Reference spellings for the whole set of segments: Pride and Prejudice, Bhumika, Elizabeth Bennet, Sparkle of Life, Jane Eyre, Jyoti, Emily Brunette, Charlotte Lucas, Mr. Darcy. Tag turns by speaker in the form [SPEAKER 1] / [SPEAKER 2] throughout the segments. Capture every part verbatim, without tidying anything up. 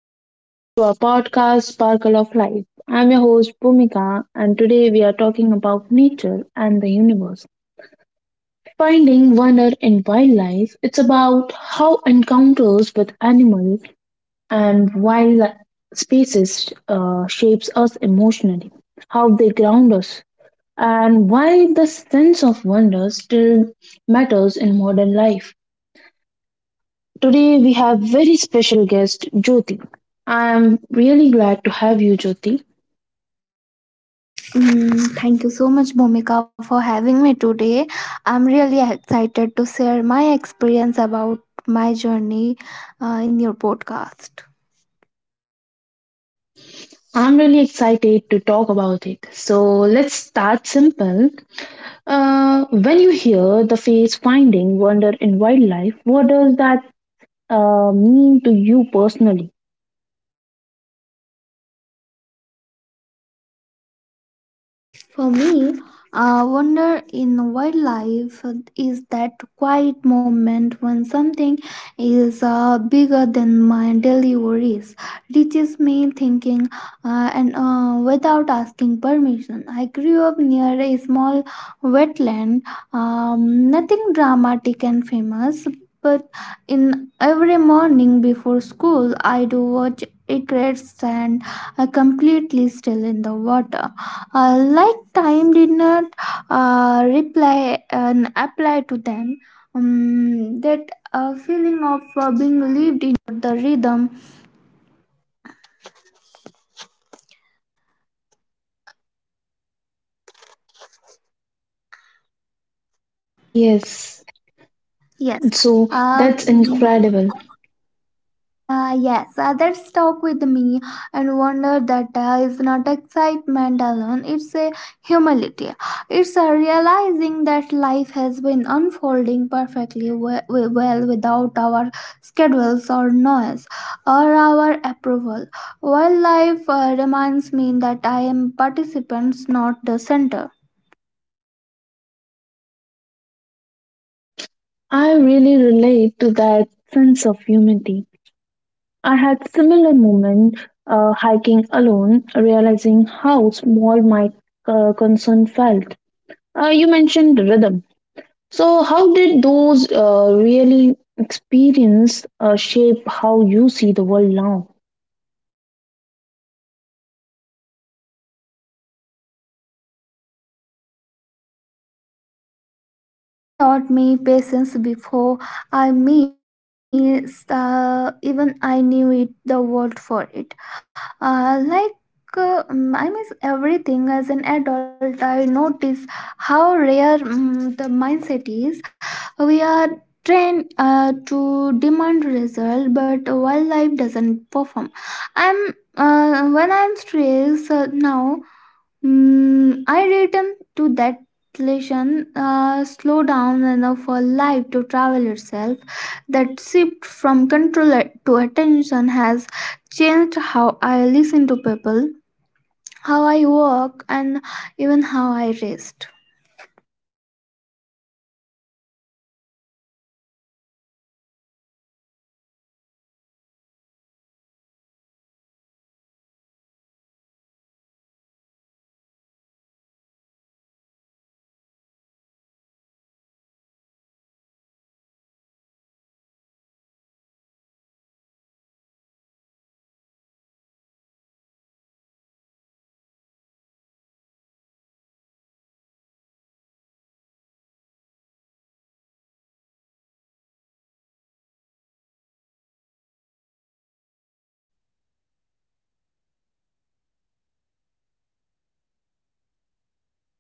[SPEAKER 1] and welcome back to our podcast, Sparkle of Life. I'm your host, Bhumika, and today we are talking about nature and the universe. Finding wonder in wildlife, it's about how encounters with animals and wild spaces uh, shapes us emotionally, how they ground us, and why the sense of wonder still matters in modern life. Today we have very special guest Jyoti. I am really glad to have you Jyoti.
[SPEAKER 2] Mm, thank you so much, Bhumika, for having me today. I'm really excited to share my experience about my journey uh, in your podcast.
[SPEAKER 1] I'm really excited to talk about it. So let's start simple. Uh, when you hear the phrase finding wonder in wildlife, what does that uh, mean to you personally?
[SPEAKER 2] For me, uh, wonder in wildlife is that quiet moment when something is uh, bigger than my daily worries, reaches me thinking uh, and uh, without asking permission. I grew up near a small wetland, um, nothing dramatic and famous. But in every morning before school, I do watch a great stand uh, completely still in the water uh, like time did not uh, reply and apply to them um, that uh,
[SPEAKER 1] Yes, so that's
[SPEAKER 2] Uh,
[SPEAKER 1] incredible.
[SPEAKER 2] yes, others talk with me and wonder that uh, is not excitement alone, it's a humility. It's a realizing that life has been unfolding perfectly we- we- well without our schedules or noise or our approval. While life uh, reminds me that I am participants, not the center.
[SPEAKER 1] I really relate to that sense of humanity. I had similar moment uh, hiking alone, realizing how small my uh, concern felt. Uh, you mentioned rhythm. So how did those uh, really experience uh, shape how you see the world now?
[SPEAKER 2] Uh, they taught me patience before I missed, uh, even I knew it, the word for it. Uh, like uh, mm, I miss everything as an adult. I notice how rare mm the mindset is. We are trained uh, to demand result, but wildlife doesn't perform. I'm uh, when I'm stressed uh, now, Mm, I return to that lesson, uh, slow down enough for life to travel itself. That shift from control to attention has changed how I listen to people, how I walk, and even how I rest.
[SPEAKER 1] That's powerful. I have found nature teaches without speaking. So, for people who don't live near uh, wetlands or forest, uh, how can they still experience this kind of wonder?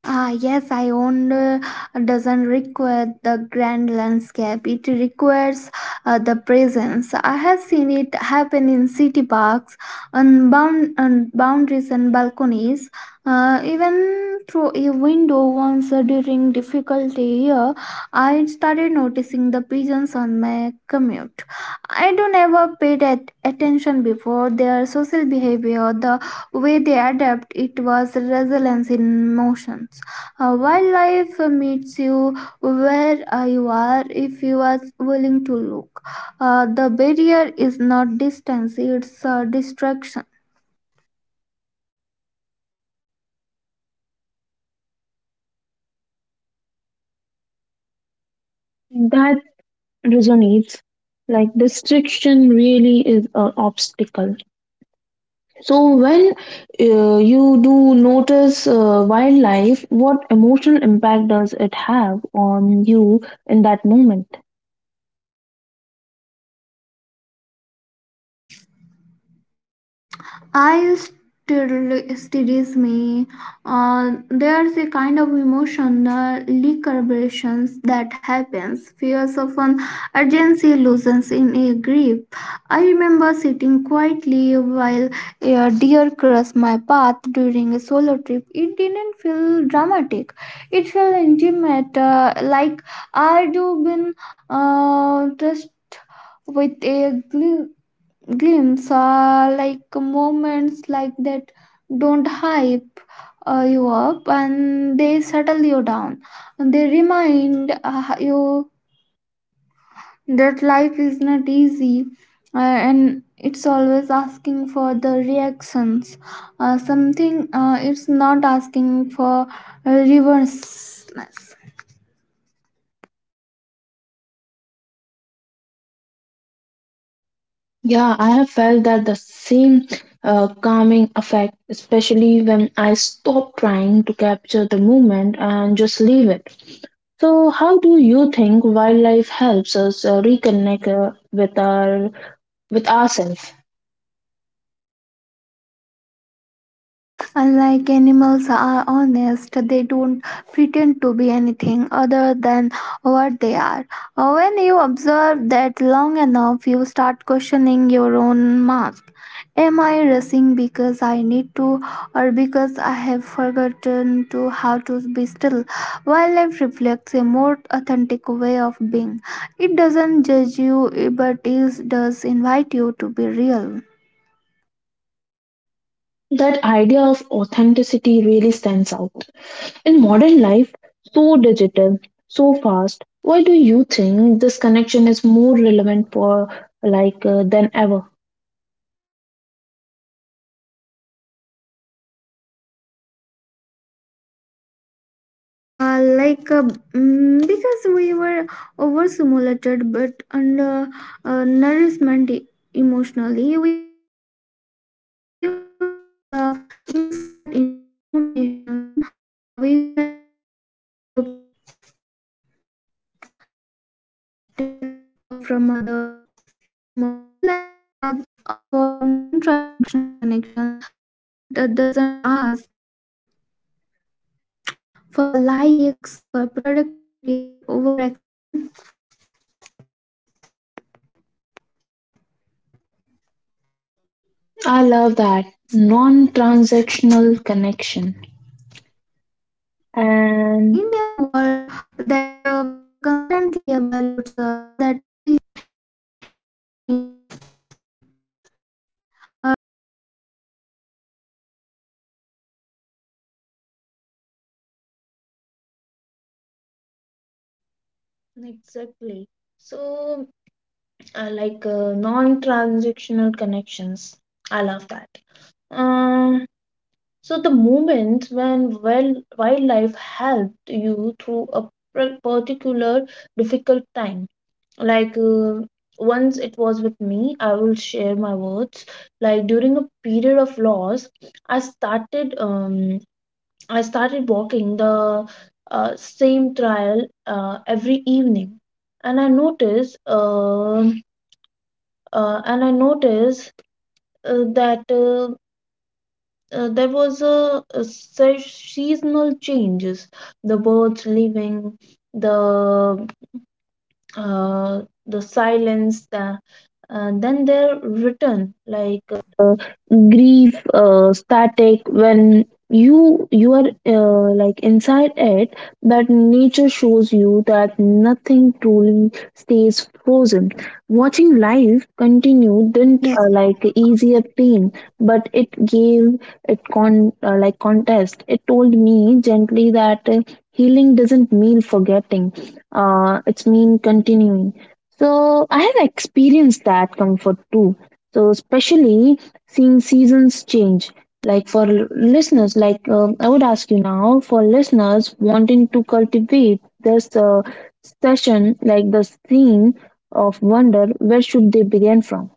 [SPEAKER 2] Ah, yes, I owned uh, doesn't require the grand landscape. It requires uh, the presence. I have seen it happen in city parks, on, bound, on boundaries and balconies, uh, even through a window once uh, during difficulty year. I started noticing the pigeons on my commute. I don't ever paid at attention before their social behavior, the way they adapt it was resilience in motions. Uh, wildlife meets you where uh, you are if you are willing to look. Uh, the barrier is not distance, it's uh, distraction.
[SPEAKER 1] That resonates. Like, restriction really is an obstacle. So when uh, you do notice uh, wildlife, what emotional impact does it have on you in that moment?
[SPEAKER 2] I still studies me. Uh, there's a kind of emotional recalibrations that happens. Fears of an urgency loosens in a grip. I remember sitting quietly while a deer crossed my path during a solo trip. It didn't feel dramatic. It felt intimate, uh, like I'd been uh, touched with a glue glimpse are like moments like that don't hype uh, you up and they settle you down and they remind uh, you that life is not easy uh, and it's always asking for the reactions uh, something uh, it's not asking for uh, reverseness.
[SPEAKER 1] Yeah, I have felt that the same uh, calming effect, especially when I stop trying to capture the moment and just leave it. So, how do you think wildlife helps us uh, reconnect uh, with our with ourselves?
[SPEAKER 2] Unlike animals are honest, they don't pretend to be anything other than what they are. When you observe that long enough, you start questioning your own mask. Am I rushing because I need to, or because I have forgotten to how to be still? Wildlife reflects a more authentic way of being. It doesn't judge you, but it does invite you to be real.
[SPEAKER 1] That idea of authenticity really stands out. In modern life, so digital, so fast, why do you think this connection is more relevant for like uh, than ever?
[SPEAKER 2] Uh, like uh, mm, because we were overstimulated but under uh, uh, nourishment e- emotionally we consumed the instant information uh, we felt uh, the disconnected uh, from other mm, while life uh, of non-transactional connection uh, that uh, doesn't ask for likes for productivity or over explain.
[SPEAKER 1] I love that non-transactional connection.
[SPEAKER 2] Uh, in a world
[SPEAKER 1] And
[SPEAKER 2] that uh, feel constantly evaluates us, that
[SPEAKER 1] exactly. So, uh, like uh, non-transactional connections. I love that. Um, so the moments when wild wildlife helped you through a pr- particular difficult time. Like uh, once it was with me, I will share my words, like during a period of loss. I started um i started walking the uh, same trail uh, every evening. And i noticed um uh, and I noticed uh, that uh, uh, there was a, a se- seasonal changes, the birds leaving, the uh, the silence, the, uh, then their return, like uh, grief, uh, static. When you you are uh, like inside it, that nature shows you that nothing truly stays frozen. Watching life continue didn't uh, like
[SPEAKER 2] yes.
[SPEAKER 1] easier pain, but it gave it con uh, like contest. It told me gently that uh, healing doesn't mean forgetting, uh, it's mean continuing. So I have experienced that comfort too. So especially seeing seasons change. Like for listeners, like um I would ask you now, for listeners wanting to cultivate this uh, session, like the theme of wonder, where should they begin from?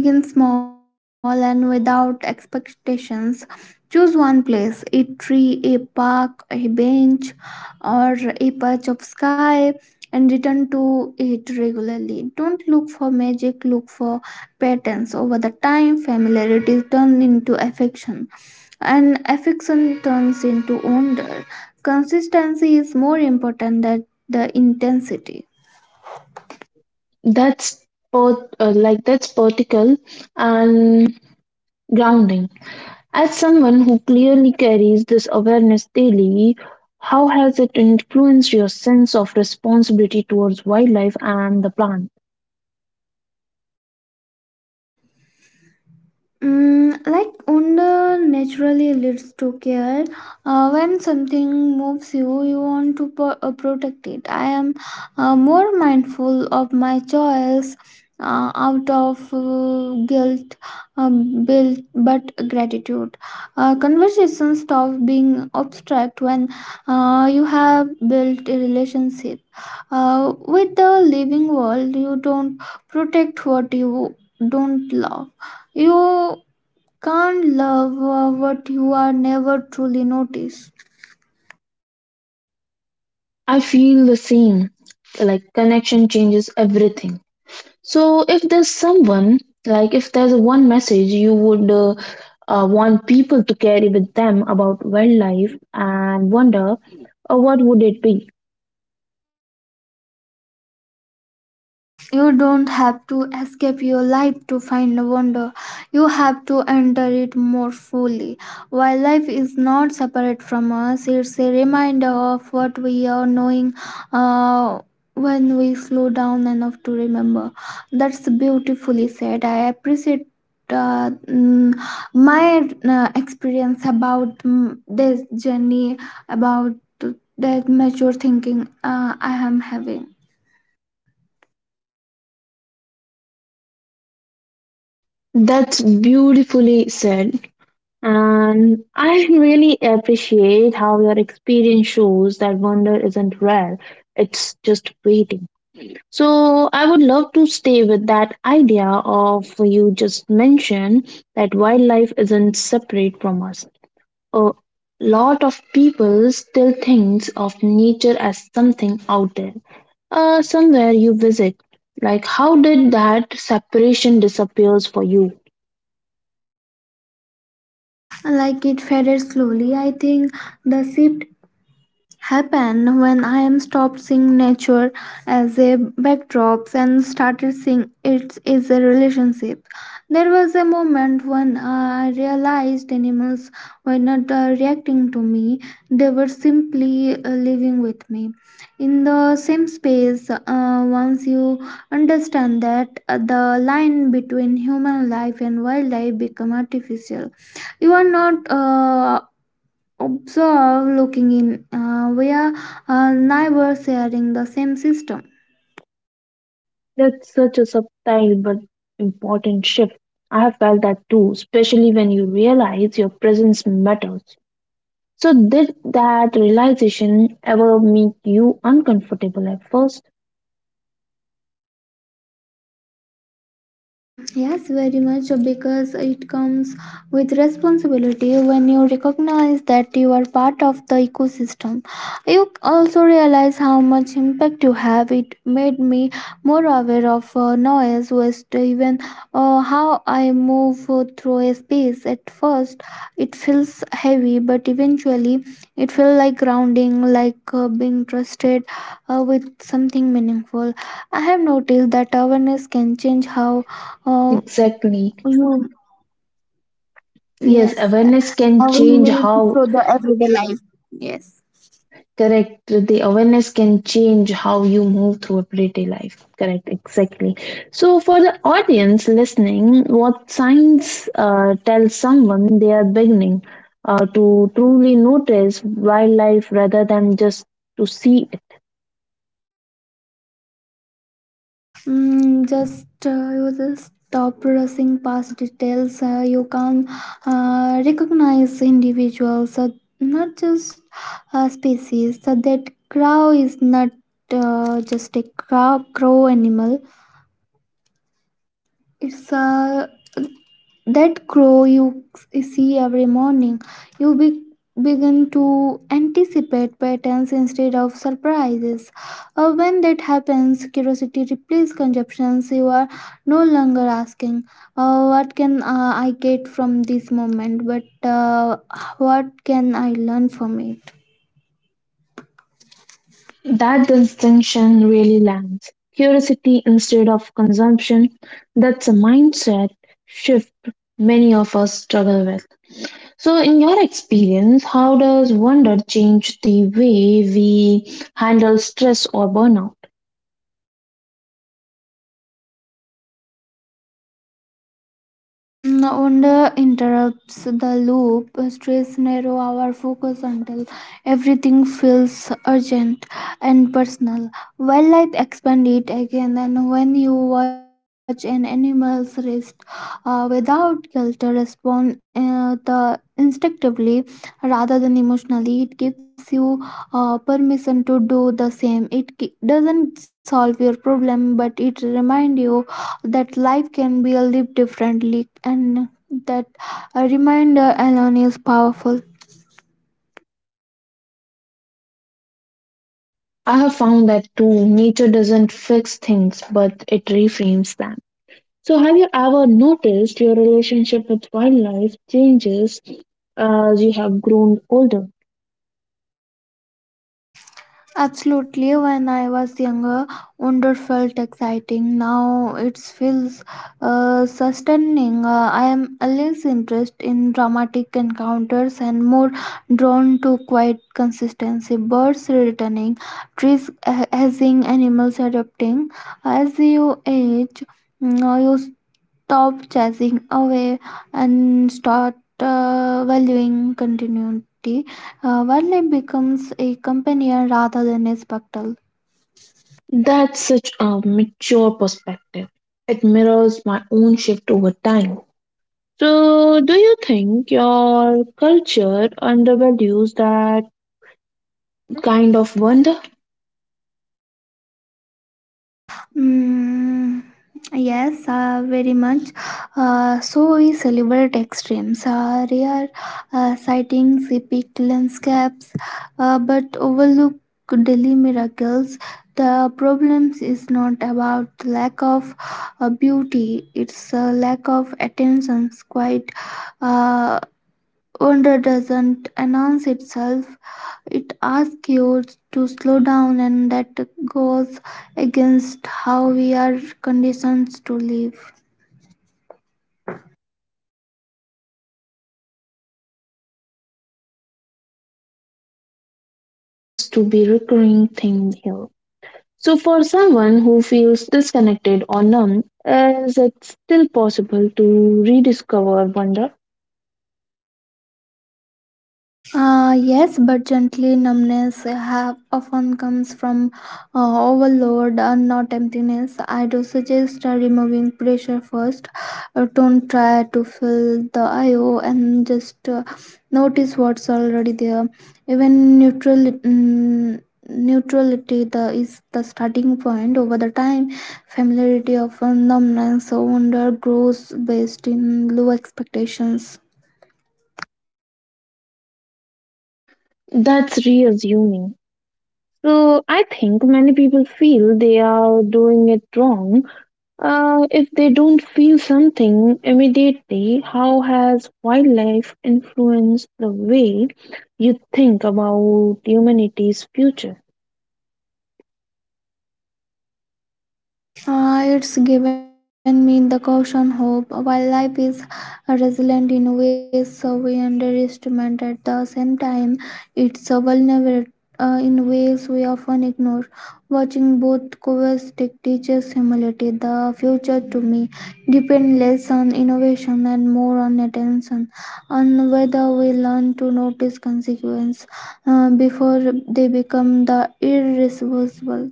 [SPEAKER 2] Mm, like begin small and without expectations. Choose one place a tree, a park, a bench, or a patch of sky and return to it regularly. Don't look for magic, look for patterns. Over the time, familiarity turns into affection, and affection turns into wonder. Consistency is more important than the intensity.
[SPEAKER 1] That's both uh, like that's vertical and grounding. As someone who clearly carries this awareness daily, how has it influenced your sense of responsibility towards wildlife and the plant?
[SPEAKER 2] Mm, like wonder naturally leads to care. Uh, when something moves you, you want to pro- uh, protect it. I am uh, more mindful of my choice uh, out of uh, guilt, um, built but gratitude. Uh, conversations stop being abstract when uh, you have built a relationship uh, with the living world. You don't protect what you don't love. You can't love uh, what you are never truly notice.
[SPEAKER 1] I feel the same, like connection changes everything. So, if there's someone, like if there's one message you would uh, uh, want people to carry with them about wildlife and wonder, uh, what would it be?
[SPEAKER 2] You don't have to escape your life to find wonder. You have to enter it more fully. While life is not separate from us, it's a reminder of what we are knowing uh, when we slow down enough to remember. That's beautifully said. I appreciate. Uh, mm, my uh, experience about mm, this journey about that mature thinking uh, I am having.
[SPEAKER 1] That's beautifully said. And I really appreciate how your experience shows that wonder isn't rare, it's just waiting. So I would love to stay with that idea of you just mentioned that wildlife isn't separate from us. A lot of people still thinks of nature as something out there, uh, somewhere you visit. Like how did that separation disappears for you?
[SPEAKER 2] Like it faded slowly I think the shift happened when I am stopped seeing nature as a backdrop and started seeing it as a relationship. There was a moment when I realized animals were not uh, reacting to me, they were simply uh, living with me. In the same space, uh, once you understand that uh, the line between human life and wildlife become artificial, you are not uh, observe looking in uh, we are uh, never sharing the same system.
[SPEAKER 1] That's such a subtle but important shift. I have felt that too, especially when you realize your presence matters. So, did that realization ever make you uncomfortable at first?
[SPEAKER 2] Mm, Yes, very much so because it comes with responsibility when you recognize that you are part of the ecosystem. You also realize how much impact you have. It made me more aware of uh, noise, waste, even uh, how I move uh, through a space. At first, it feels heavy, but eventually, it feels like grounding, like uh, being trusted uh, with something meaningful. I have noticed that awareness can change how uh,
[SPEAKER 1] Exactly.
[SPEAKER 2] you
[SPEAKER 1] Yes,
[SPEAKER 2] yes
[SPEAKER 1] awareness can
[SPEAKER 2] how we
[SPEAKER 1] change
[SPEAKER 2] make
[SPEAKER 1] how.
[SPEAKER 2] through the everyday life yes.
[SPEAKER 1] Correct. The awareness can change how you move through everyday life. Correct. Exactly. So, for the audience listening, what signs uh, tell someone they are beginning uh, to truly notice wildlife rather than just to see it?
[SPEAKER 2] Mm, just uh, you just stop rushing past details. Uh, you can uh, recognize individuals, uh, not just uh, species. So that crow is not uh, just a crow, crow animal. It's a that crow you see every morning, you be- begin to anticipate patterns instead of surprises. Uh, when that happens, curiosity replaces conceptions. You are no longer asking, uh, what can uh, I get from this moment? But uh, what can I learn from it?
[SPEAKER 1] That distinction really lands. Curiosity instead of consumption. That's a mindset shift many of us struggle with. So, in your experience, how does wonder change the way we handle stress or burnout?
[SPEAKER 2] No wonder interrupts the loop. Stress narrow our focus until everything feels urgent and personal. Wildlife expand it again, and when you watch an animal's rest uh, without guilt, respond uh, the instinctively rather than emotionally. It gives you uh, permission to do the same. It ki- doesn't solve your problem, but it reminds you that life can be lived differently and that a reminder alone is powerful.
[SPEAKER 1] I have found that too, nature doesn't fix things, but it reframes them. So, have you ever noticed your relationship with wildlife changes uh, as you have grown older?
[SPEAKER 2] Absolutely, when I was younger, wonder felt exciting. Now it feels uh, sustaining. Uh, I am less interested in dramatic encounters and more drawn to quiet consistency. Birds returning, trees ha- hazing, animals adapting. As you age, mm, you stop chasing away and start uh, valuing continuity. Uh, wildlife becomes a companion rather than a spectacle.
[SPEAKER 1] That's such a mature perspective. It mirrors my own shift over time. So, do you think your culture undervalues that kind of wonder?
[SPEAKER 2] Mm, yes, uh, very much. Uh, so we celebrate extremes, uh, rare uh, sightings, epic landscapes, uh, but overlook daily miracles. The problem is not about lack of uh, beauty; it's a lack of attention. Quite uh, wonder doesn't announce itself, it asks you to slow down, and that goes against how we are conditioned to live.
[SPEAKER 1] Slowing down really seems to be recurring theme here. So for someone who feels disconnected or numb, is it still possible to rediscover wonder?
[SPEAKER 2] Uh, yes, but gently numbness have often comes from uh, overload and not emptiness. I do suggest uh, removing pressure first. Uh, don't try to fill the I O and just uh, notice what's already there. Even neutral. mm, Neutrality the, is the starting point. Over the time, familiarity of numbness or wonder grows based in low expectations.
[SPEAKER 1] That's reassuming. So I think many people feel they are doing it wrong. Uh, if they don't feel something immediately, how has wildlife influenced the way you think about humanity's future?
[SPEAKER 2] Uh, it's given me the caution hope. While life is resilient in ways so we underestimate. At the same time, it's a vulnerable uh, in ways we often ignore. Watching both coexist teaches humility. The future to me depends less on innovation and more on attention, on whether we learn to notice consequences uh, before they become the irreversible.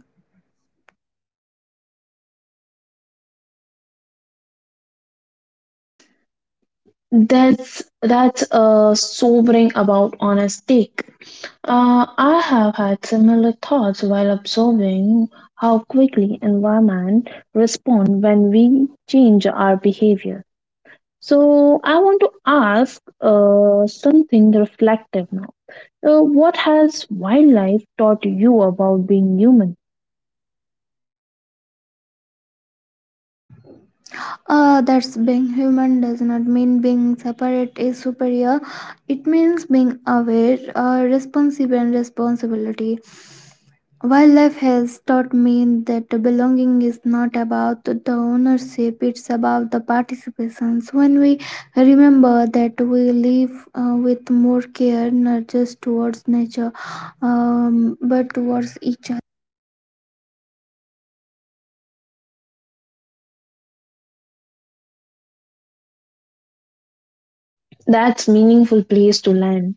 [SPEAKER 1] That's that's a sobering about honest take. Uh, I have had similar thoughts while observing how quickly environment respond when we change our behavior. So I want to ask uh, something reflective now. Uh, what has wildlife taught you about being human?
[SPEAKER 2] Uh, that's being human does not mean being separate is superior. It means being aware, uh, responsive, and responsibility. While life has taught me that belonging is not about the ownership, it's about the participation. So when we remember that we live uh, with more care, not just towards nature, um, but towards each other.
[SPEAKER 1] That's meaningful place to land.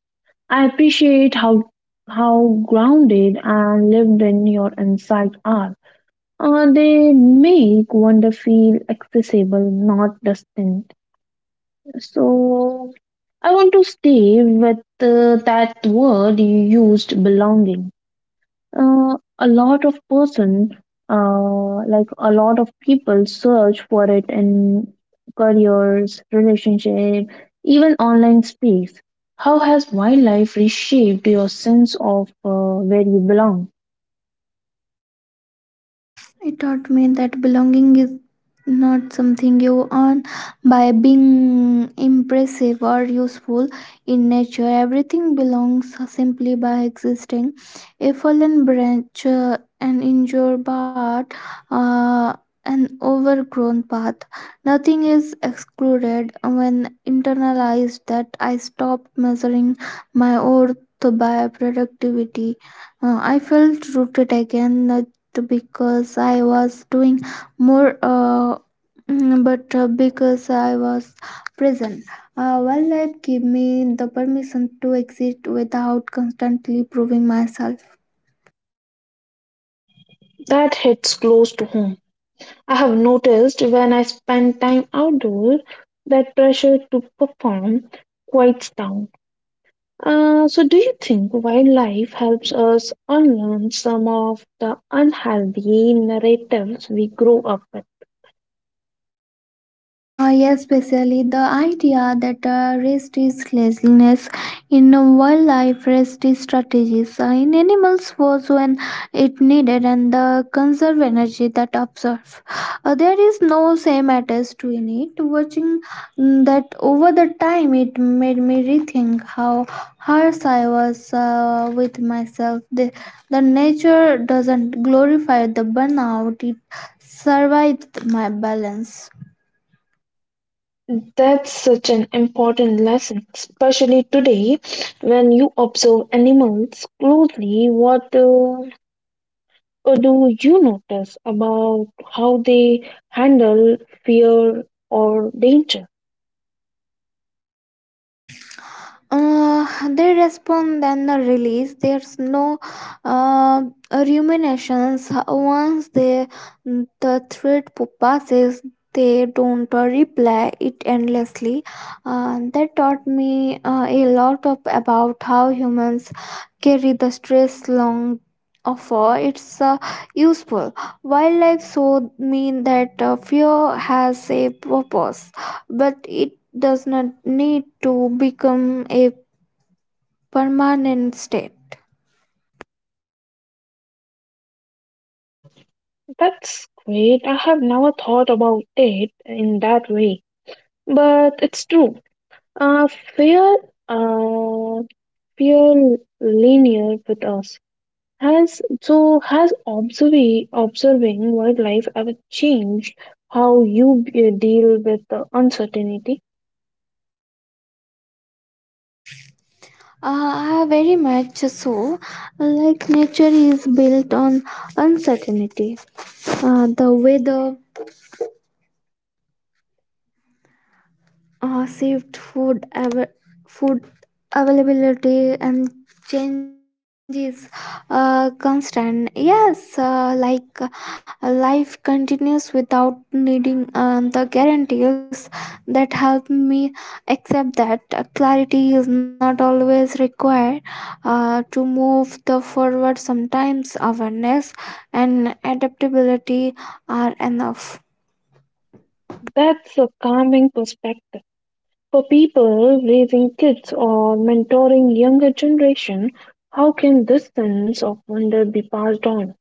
[SPEAKER 1] I appreciate how how grounded and lived in your insight are. Uh, they make wonder feel accessible, not distant. So I want to stay with uh, that word you used, belonging. Uh, a lot of person, uh, like a lot of people, search for it in careers, relationship, even online space. How has wildlife reshaped your sense of uh, where you belong?
[SPEAKER 2] It taught me that belonging is not something you earn by being impressive or useful in nature. Everything belongs simply by existing. A fallen branch, uh, an injured part, uh, an overgrown path. Nothing is excluded when internalized that I stopped measuring my worth by productivity. Uh, I felt rooted again, uh, because I was doing more, uh, mm, but uh, because I was present. Uh, well, that gave me the permission to exist without constantly proving myself.
[SPEAKER 1] That hits close to home. I have noticed when I spend time outdoors that pressure to perform quiets down. Uh, so, do you think wildlife helps us unlearn some of the unhealthy narratives we grew up with?
[SPEAKER 2] Uh, yes, especially the idea that uh, rest is laziness in wildlife, rest is strategies uh, in animals was when it needed and the conserve energy that absorb. Uh, there is no same attached to in it. Watching mm, that over the time, it made me rethink how harsh I was uh, with myself. The, the nature doesn't glorify the burnout; it survived my balance.
[SPEAKER 1] That's such an important lesson, especially today when you observe animals closely. What uh, do you notice about how they handle fear or danger?
[SPEAKER 2] Uh, they respond then the release, there's no uh, ruminations once they the thread passes, they don't uh, reply it endlessly. Uh, that taught me uh, a lot of about how humans carry the stress long offer it's uh, useful. Wildlife showed me that uh, fear has a purpose but it does not need to become a permanent state.
[SPEAKER 1] That's great. I have never thought about it in that way, but it's true. Uh, fear, uh, Fear linear with us. Has so has observing observing wildlife ever changed how you uh, deal with the uncertainty?
[SPEAKER 2] Uh, very much so. Like nature is built on uncertainty. Uh, the weather, uh, saved food av- food availability and changes uh, constant yes uh, like uh, life continues without needing um, the guarantees that help me accept that uh, clarity is not always required uh, to move the forward sometimes awareness and adaptability are enough
[SPEAKER 1] That's a calming perspective for people raising kids or mentoring younger generation. How can this sense of wonder be passed on?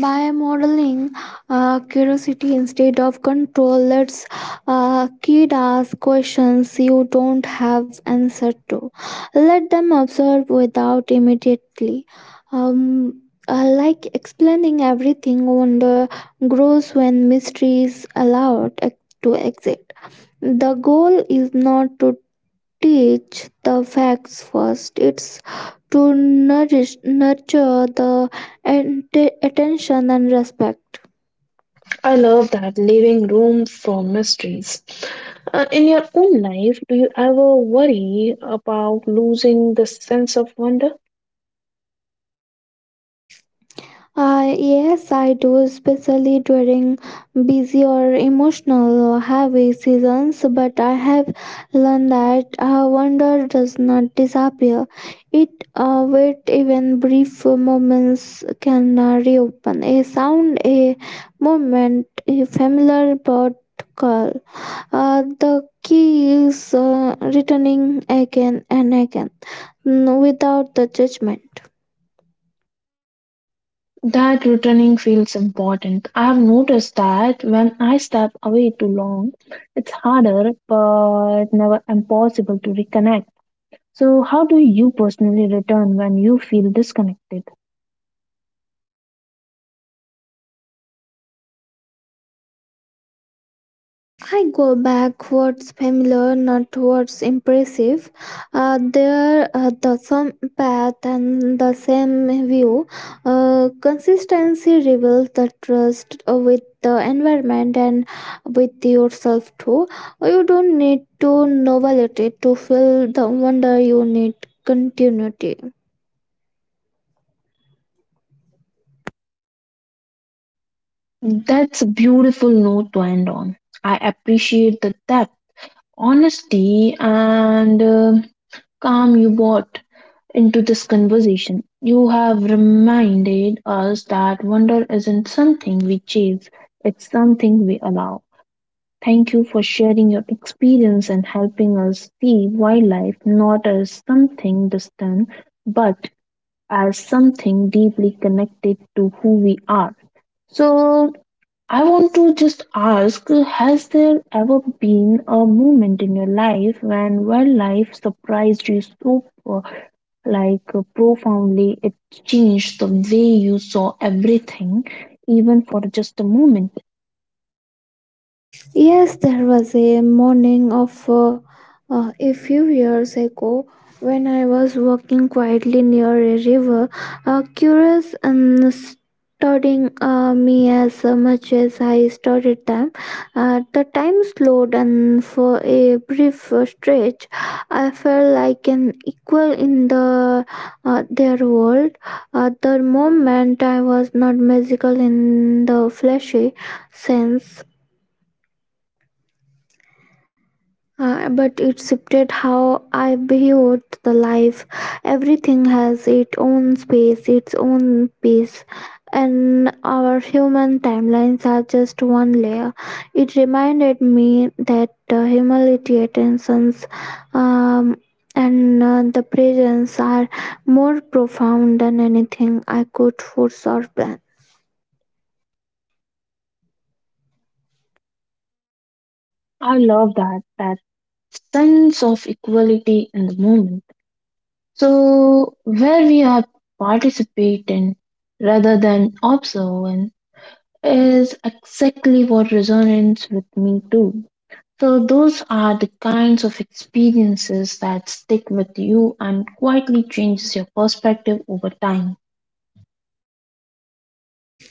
[SPEAKER 2] by modeling uh, curiosity instead of control. Let's uh, kid ask questions you don't have answer to, let them observe without immediately um, uh, like explaining everything wonder grows when mystery is allowed ex- to exit. The goal is not to teach the facts first. It's to nourish, nurture the ante- attention and respect.
[SPEAKER 1] I love that leaving room for mysteries. Uh, in your own life, do you ever worry about losing the sense of wonder?
[SPEAKER 2] Uh, yes, I do, especially during busy or emotional heavy seasons. But I have learned that uh, wonder does not disappear. It uh, wait, even brief moments can uh, reopen. A sound, a moment, a familiar bird call. Uh, the key is uh, returning again and again mm, without the judgment.
[SPEAKER 1] That returning feels important. I have noticed that when I step away too long, it's harder but never impossible to reconnect. So, how do you personally return when you feel disconnected?
[SPEAKER 2] I go back what's familiar, not what's impressive. Uh, there uh, the same path and the same view. Uh, consistency reveals the trust uh, with the environment and with yourself too. You don't need to novelty to feel wonder. You need continuity.
[SPEAKER 1] That's a beautiful note to end on. I appreciate the depth, honesty, and. uh, calm you brought into this conversation. You have reminded us that wonder isn't something we chase, it's something we allow. Thank you for sharing your experience and helping us see wildlife not as something distant, but as something deeply connected to who we are. So, I want to just ask, has there ever been a moment in your life when wildlife surprised you so uh, like uh, profoundly it changed the way you saw everything, even for just a moment?
[SPEAKER 2] Yes, there was a morning of uh, uh, a few years ago when I was walking quietly near a river, uh, curious and studying uh, me as much as I studied them. Uh, the time slowed, and for a brief uh, stretch, I felt like an equal in the uh, their world. At the moment, I was not magical in the fleshy sense uh, but it shifted how I viewed the life. Everything has its own space, its own pace, and our human timelines are just one layer. It reminded me that uh, humility, attentions, um, and uh, the presence are more profound than anything I could force or plan.
[SPEAKER 1] I love that that sense of equality in the moment, so where we are participating rather than observing is exactly what resonates with me too. So those are the kinds of experiences that stick with you and quietly changes your perspective over time.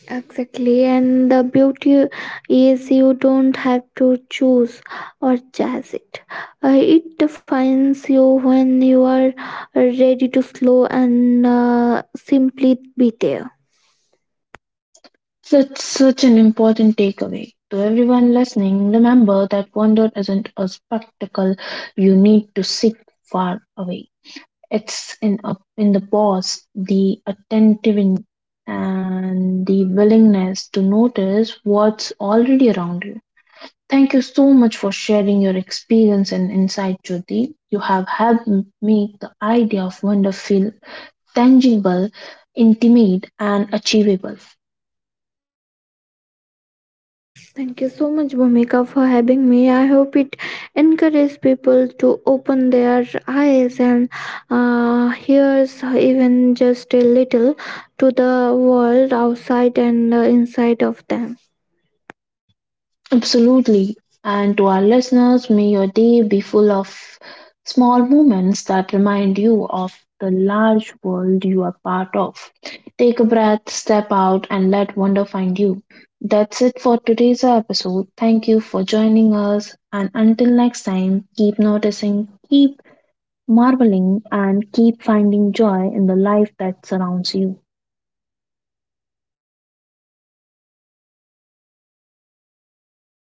[SPEAKER 2] Exactly, and the beauty is you don't have to choose or chase it. Uh, it defines you when you are ready to slow and uh, simply be there.
[SPEAKER 1] That's such an important takeaway. To everyone listening, remember that wonder isn't a spectacle you need to seek far away. It's in a, in the pause, the attentive, and the willingness to notice what's already around you. Thank you so much for sharing your experience and insight, Jyoti. You have helped m- make the idea of wonder feel tangible, intimate, and achievable.
[SPEAKER 2] Thank you so much, Bhumika, for having me. I hope it encourages people to open their eyes and uh, ears, even just a little, to the world outside and uh, inside of them.
[SPEAKER 1] Absolutely. And to our listeners, may your day be full of small moments that remind you of the large world you are part of. Take a breath, step out, and let wonder find you. That's it for today's episode. Thank you for joining us. And until next time, keep noticing, keep marveling, and keep finding joy in the life that surrounds you.